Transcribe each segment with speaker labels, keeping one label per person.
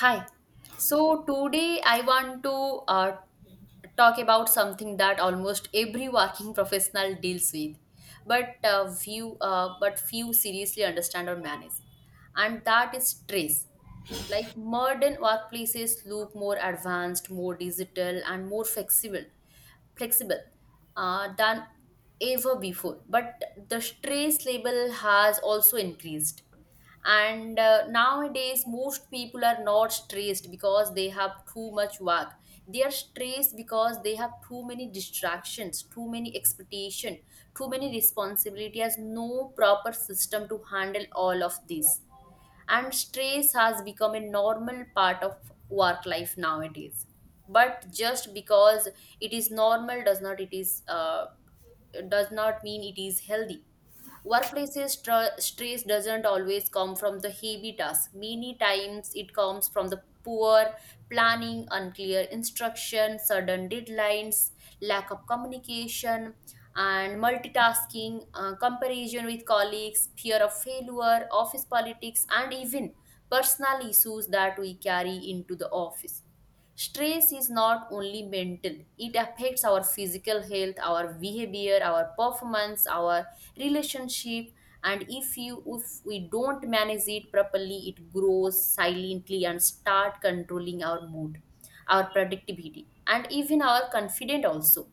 Speaker 1: Hi. So today I want to uh, talk about something that almost every working professional deals with, but few but few seriously understand or manage, and that is stress. Like modern workplaces look more advanced, more digital, and more flexible, flexible than ever before. But the stress level has also increased, and nowadays most people are not stressed because they have too much work. They are stressed because they have too many distractions, too many expectation, too many responsibility. Has no proper system to handle all of these, and stress has become a normal part of work life nowadays. But just because it is normal does not mean it is healthy. Stress doesn't always come from the heavy tasks. Many times it comes from the poor planning, unclear instruction, sudden deadlines, lack of communication, and multitasking, comparison with colleagues, fear of failure, office politics, and even personal issues that we carry into the office. Stress is not only mental, it affects our physical health, our behavior, our performance, our relationship. And if we don't manage it properly, it grows silently and start controlling our mood, our productivity, and even our confidence also.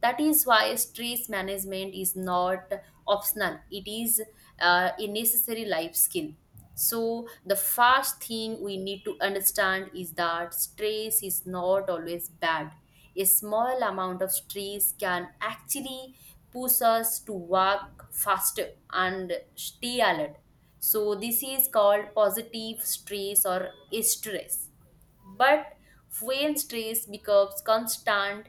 Speaker 1: That is why stress management is not optional, it is a necessary life skill. So, the first thing we need to understand is that stress is not always bad. A small amount of stress can actually push us to work faster and stay alert. So, this is called positive stress or stress. But when stress becomes constant,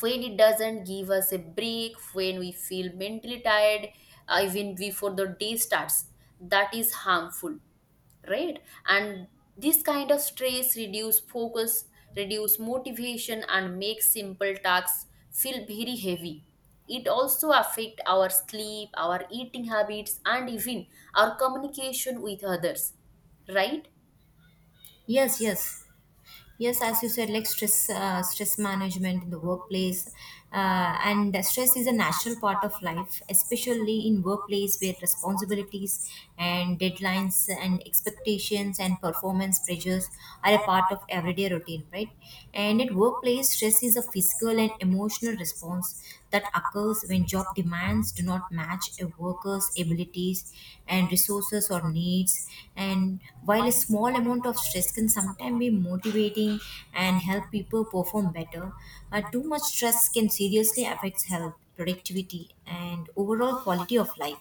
Speaker 1: when it doesn't give us a break, when we feel mentally tired even before the day starts, that is harmful, right? And this kind of stress reduce focus, reduce motivation, and make simple tasks feel very heavy. It also affect our sleep, our eating habits, and even our communication with others, right?
Speaker 2: Yes, yes, yes. As you said, like stress, stress management in the workplace, and stress is a natural part of life, especially in workplace where responsibilities and deadlines and expectations and performance pressures are a part of everyday routine, right? And at workplace, stress is a physical and emotional response that occurs when job demands do not match a worker's abilities and resources or needs. And while a small amount of stress can sometimes be motivating and help people perform better. Too much stress can seriously affect health, productivity, and overall quality of life.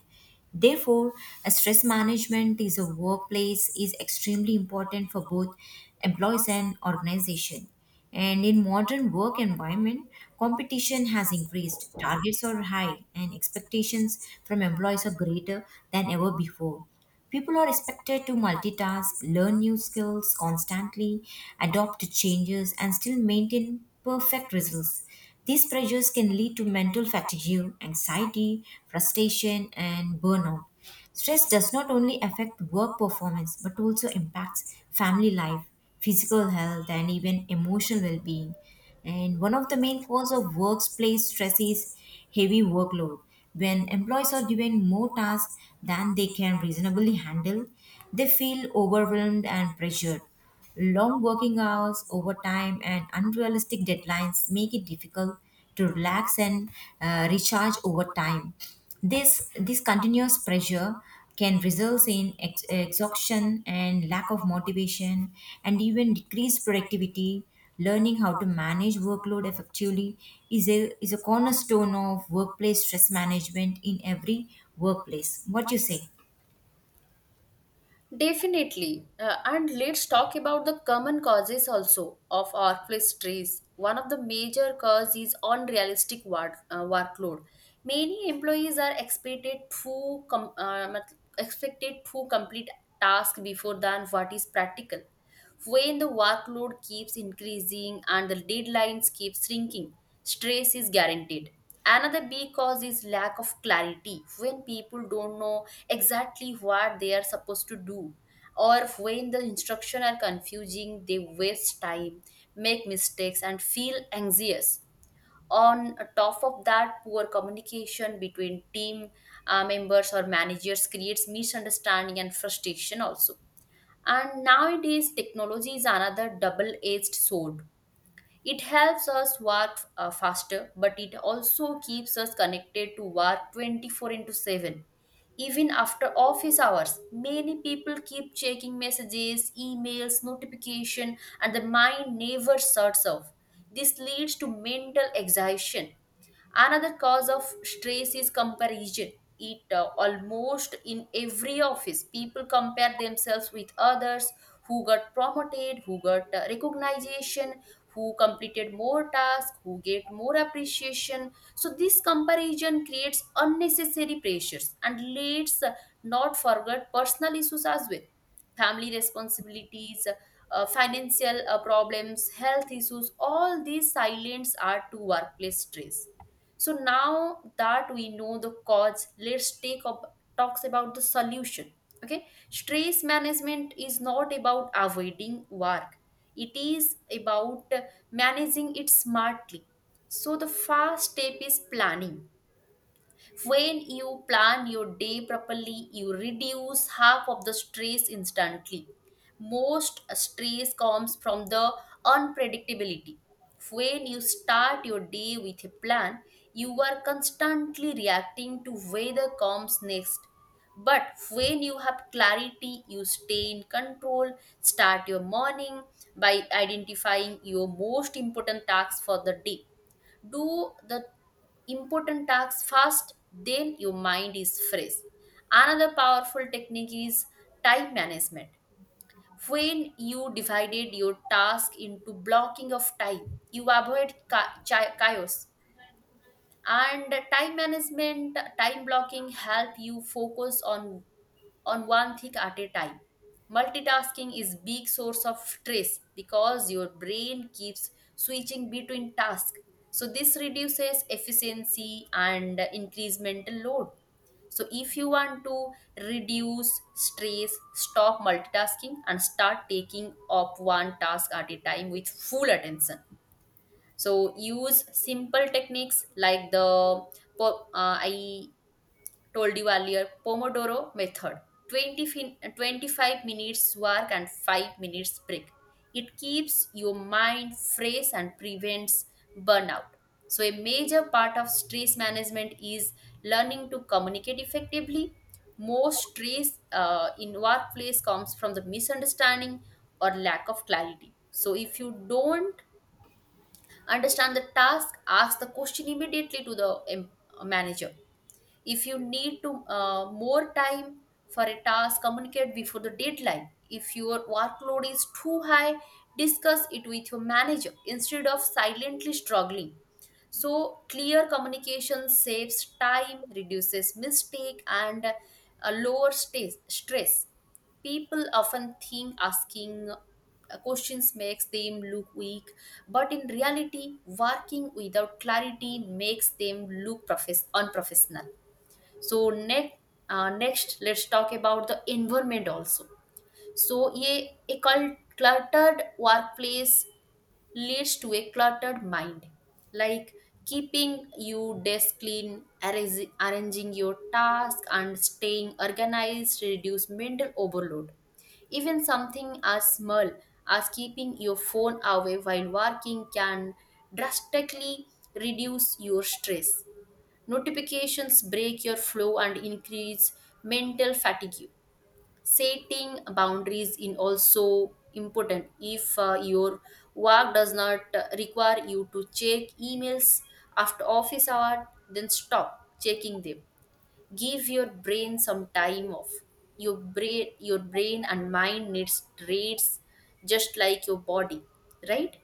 Speaker 2: Therefore, a stress management is a workplace is extremely important for both employees and organization. And in modern work environment, competition has increased. Targets are high and expectations from employees are greater than ever before. People are expected to multitask, learn new skills constantly, adopt to changes, and still maintain perfect results. These pressures can lead to mental fatigue, anxiety, frustration, and burnout. Stress does not only affect work performance but also impacts family life, physical health, and even emotional well being. And one of the main causes of workplace stress is heavy workload. When employees are given more tasks than they can reasonably handle, they feel overwhelmed and pressured. Long working hours, overtime, and unrealistic deadlines make it difficult to relax and recharge over time. This continuous pressure can result in exhaustion and lack of motivation and even decreased productivity learning how to manage workload effectively is a cornerstone of workplace stress management in every workplace what you say.
Speaker 1: Definitely. And let's talk about the common causes also of workplace stress. One of the major cause is unrealistic work, workload. Many employees are expected expected to complete task before than what is practical. When the workload keeps increasing and the deadlines keep shrinking, stress is guaranteed. Another big cause is lack of clarity. When people don't know exactly what they are supposed to do, or when the instructions are confusing, they waste time, make mistakes, and feel anxious. On top of that, poor communication between team members or managers creates misunderstanding and frustration also. And nowadays, technology is another double edged sword. It helps us work faster, but it also keeps us connected to work 24 into 7. Even after office hours, many people keep checking messages, emails, notification, and the mind never shuts off. This leads to mental exhaustion. Another cause of stress is comparison. It Almost in every office, people compare themselves with others who got promoted, who got recognition, who completed more tasks, who get more appreciation. So this comparison creates unnecessary pressures, and let's not forget personal issues as well. Family responsibilities, financial problems, health issues, all these silence are to workplace stress. So now that we know the cause, let's take up talks about the solution. Okay, stress management is not about avoiding work; it is about managing it smartly. So the first step is planning. When you plan your day properly, you reduce half of the stress instantly. Most stress comes from the unpredictability. When you start your day with a plan, you are constantly reacting to whether comes next. But when you have clarity, you stay in control. Start your morning by identifying your most important tasks for the day. Do the important tasks fast, then your mind is fresh. Another powerful technique is time management. When you divided your task into blocking of time, you avoid chaos. And time management, time blocking, help you focus on one thing at a time. Multitasking is big source of stress because your brain keeps switching between tasks. So this reduces efficiency and increase mental load. So if you want to reduce stress, stop multitasking and start taking up one task at a time with full attention. So use simple techniques like the I told you earlier pomodoro method, 20 25 minutes work and 5 minutes break. It keeps your mind fresh and prevents burnout. So a major part of stress management is learning to communicate effectively. Most stress in workplace comes from the misunderstanding or lack of clarity. So if you don't understand the task, ask the question immediately to the em- manager. If you need to more time for a task, communicate before the deadline. If your workload is too high, discuss it with your manager instead of silently struggling. So clear communication saves time, reduces mistake, and lowers stress. People often think asking questions makes them look weak, but in reality working without clarity makes them look unprofessional. So next let's talk about the environment also. So ye a cluttered workplace leads to a cluttered mind. Like, keeping your desk clean, arranging your task, and staying organized reduce mental overload. Even something as small as keeping your phone away while working can drastically reduce your stress. Notifications break your flow and increase mental fatigue. Setting boundaries is also important. If your work does not require you to check emails after office hour, then stop checking them. Give your brain some time off. Your brain and mind needs rates, just like your body, right?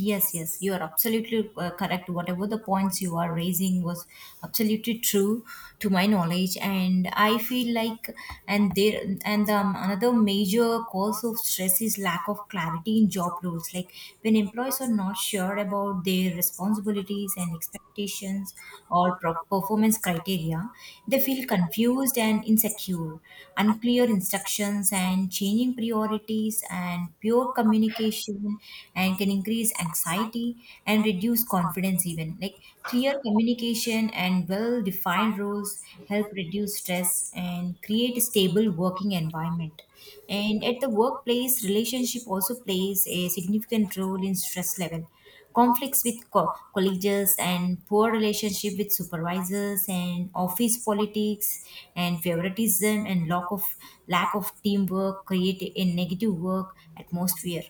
Speaker 2: Yes, yes, you are absolutely correct. Whatever the points you are raising was absolutely true to my knowledge, and I feel like and there and another major cause of stress is lack of clarity in job roles. Like when employees are not sure about their responsibilities and expectations or performance criteria, they feel confused and insecure. Unclear instructions and changing priorities and pure communication and can increase anxiety and reduce confidence even like clear communication and well defined roles help reduce stress and create a stable working environment and at the workplace relationship also plays a significant role in stress level conflicts with colleagues and poor relationship with supervisors and office politics and favoritism and lack of teamwork create a negative work atmosphere,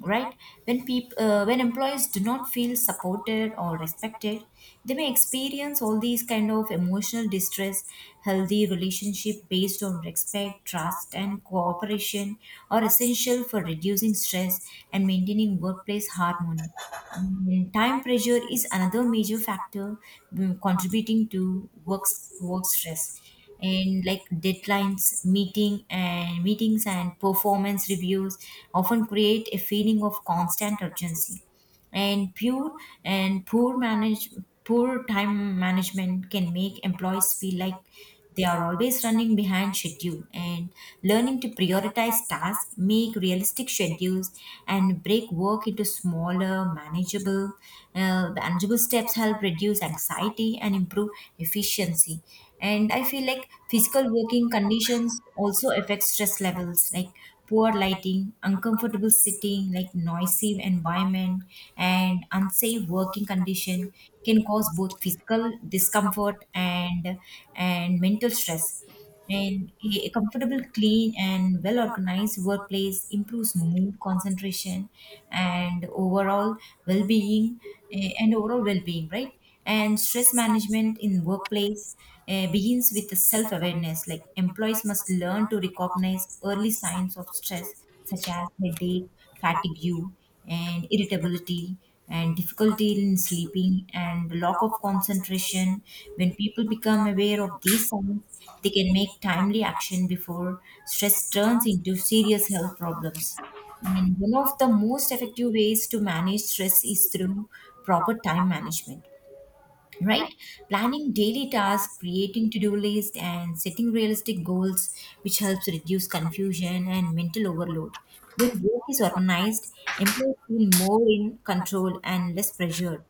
Speaker 2: right? When people when employees do not feel supported or respected they may experience all these kind of emotional distress healthy relationship based on respect trust and cooperation are essential for reducing stress and maintaining workplace harmony. Time pressure is another major factor contributing to work stress, and like deadlines, meeting and meetings and performance reviews often create a feeling of constant urgency, and pure and poor time management can make employees feel like they are always running behind schedule and learning to prioritize tasks, make realistic schedules, and break work into smaller, manageable, manageable steps help reduce anxiety and improve efficiency. And I feel like physical working conditions also affect stress levels. Like poor lighting, uncomfortable sitting, like noisy environment and unsafe working condition can cause both physical discomfort and mental stress. And a comfortable, clean, and well organized workplace improves mood, concentration, and overall well being and overall well-being, right? And stress management in workplace begins with the self-awareness like employees must learn to recognize early signs of stress such as headache fatigue and irritability and difficulty in sleeping and lack of concentration when people become aware of these signs they can make timely action before stress turns into serious health problems and one of the most effective ways to manage stress is through proper time management, right? Planning daily tasks, creating to do lists, and setting realistic goals, which helps reduce confusion and mental overload. When work is organized, employees feel more in control and less pressured.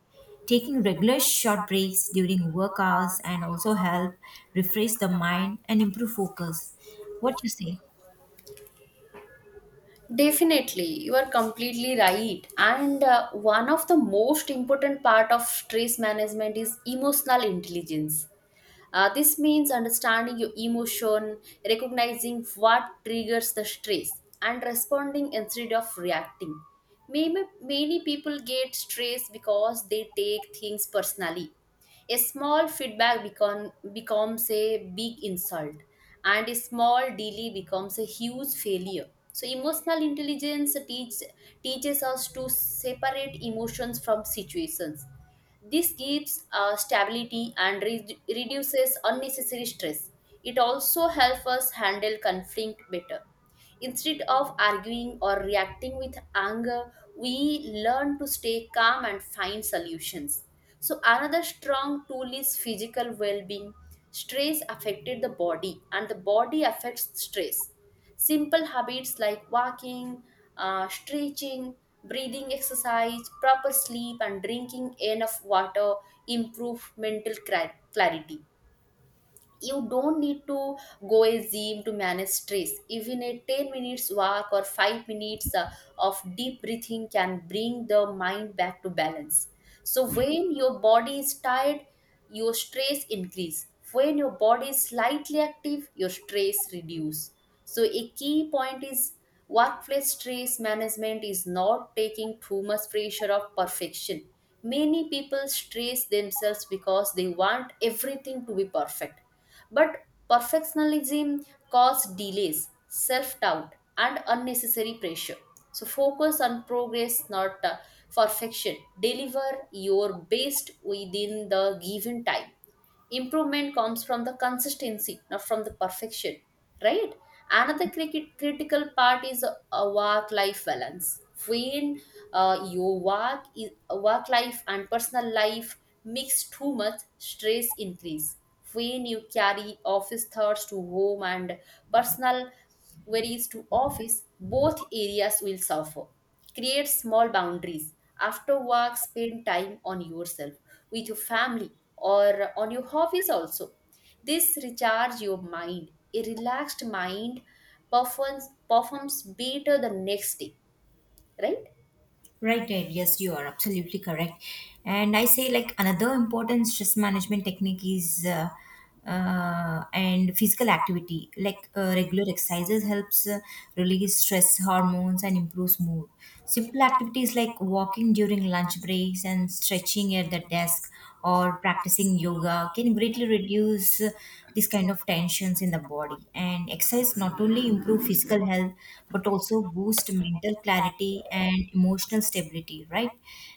Speaker 2: Taking regular short breaks during work hours and also help refresh the mind and improve focus. What you say?
Speaker 1: Definitely, you are completely right. And one of the most important part of stress management is emotional intelligence. This means understanding your emotion, recognizing what triggers the stress, and responding instead of reacting. Maybe many people get stressed because they take things personally. A small feedback becomes a big insult, and a small delay becomes a huge failure. So, emotional intelligence teaches us to separate emotions from situations. This gives stability and reduces unnecessary stress. It also helps us handle conflict better. Instead of arguing or reacting with anger, we learn to stay calm and find solutions. So, another strong tool is physical well being. Stress affected the body, and the body affects stress. Simple habits like walking, stretching, breathing exercise, proper sleep, and drinking enough water improve mental clarity. You don't need to go a gym to manage stress. Even a 10 minutes walk or 5 minutes of deep breathing can bring the mind back to balance. So when your body is tired, your stress increase. When your body is slightly active, your stress reduce. So a key point is, workplace stress management is not taking too much pressure of perfection. Many people stress themselves because they want everything to be perfect, but perfectionism causes delays, self doubt, and unnecessary pressure. So focus on progress, not perfection. Deliver your best within the given time. Improvement comes from the consistency, not from the perfection, right? Another cricket critical part is a work life balance. When your work is work life and personal life mix too much, stress increase. When you carry office thoughts to home and personal Whereas to office, both areas will suffer. Create small boundaries. After work, spend time on yourself, with your family, or on your hobbies also. This recharge your mind. A relaxed mind performs better the next day, right?
Speaker 2: Right, right. Yes, you are absolutely correct. And I say like another important stress management technique is and physical activity. Like regular exercises helps release stress hormones and improves mood. Simple activities like walking during lunch breaks and stretching at the desk or practicing yoga can greatly reduce the this kind of tensions in the body and exercise not only improve physical health but also boost mental clarity and emotional stability, right?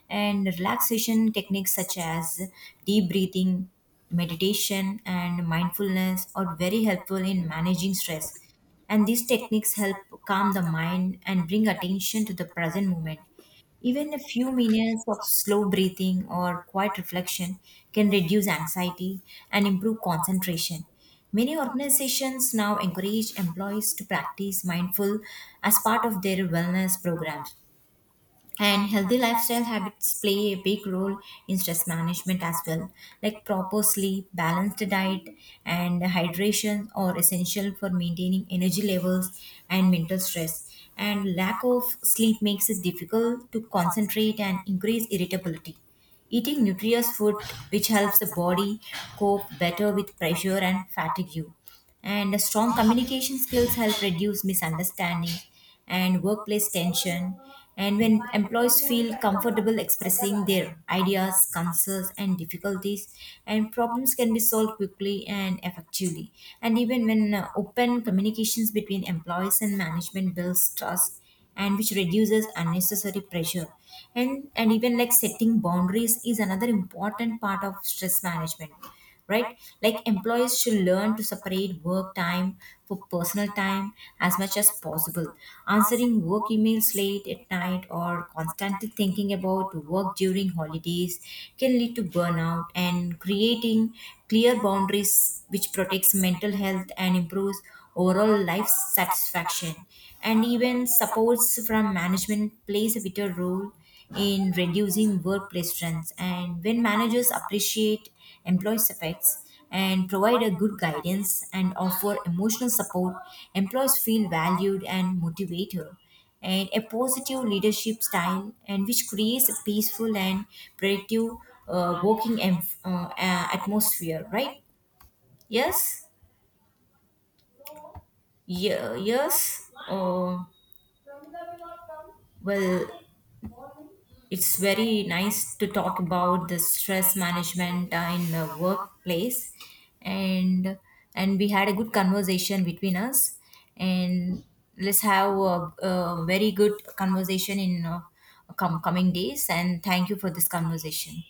Speaker 2: And relaxation techniques such as deep breathing meditation and mindfulness are very helpful in managing stress and these techniques help calm the mind and bring attention to the present moment even a few minutes of slow breathing or quiet reflection can reduce anxiety and improve concentration. Many organizations now encourage employees to practice mindful as part of their wellness programs and healthy lifestyle habits play a big role in stress management as well. Like proper sleep, balanced diet, and hydration are essential for maintaining energy levels and mental stress. And lack of sleep makes it difficult to concentrate and increase irritability. Eating nutritious food which helps the body cope better with pressure and fatigue. And strong communication skills help reduce misunderstanding and workplace tension. And when employees feel comfortable expressing their ideas, concerns, and difficulties, and problems can be solved quickly and effectively. And even when open communications between employees and management builds trust and which reduces unnecessary pressure and even like setting boundaries is another important part of stress management, right? Like employees should learn to separate work time for personal time as much as possible answering work emails late at night or constantly thinking about work during holidays can lead to burnout and creating clear boundaries which protects mental health and improves overall life satisfaction. And even supports from management plays a vital role in reducing workplace stress. And when managers appreciate employees' efforts and provide a good guidance and offer emotional support, employees feel valued and motivated. And a positive leadership style, and which creates a peaceful and productive working atmosphere, right? Yes, yeah, yes. Well, it's very nice to talk about the stress management in the workplace, and and we had a good conversation between us, and let's have a very good conversation in coming days. And thank you for this conversation.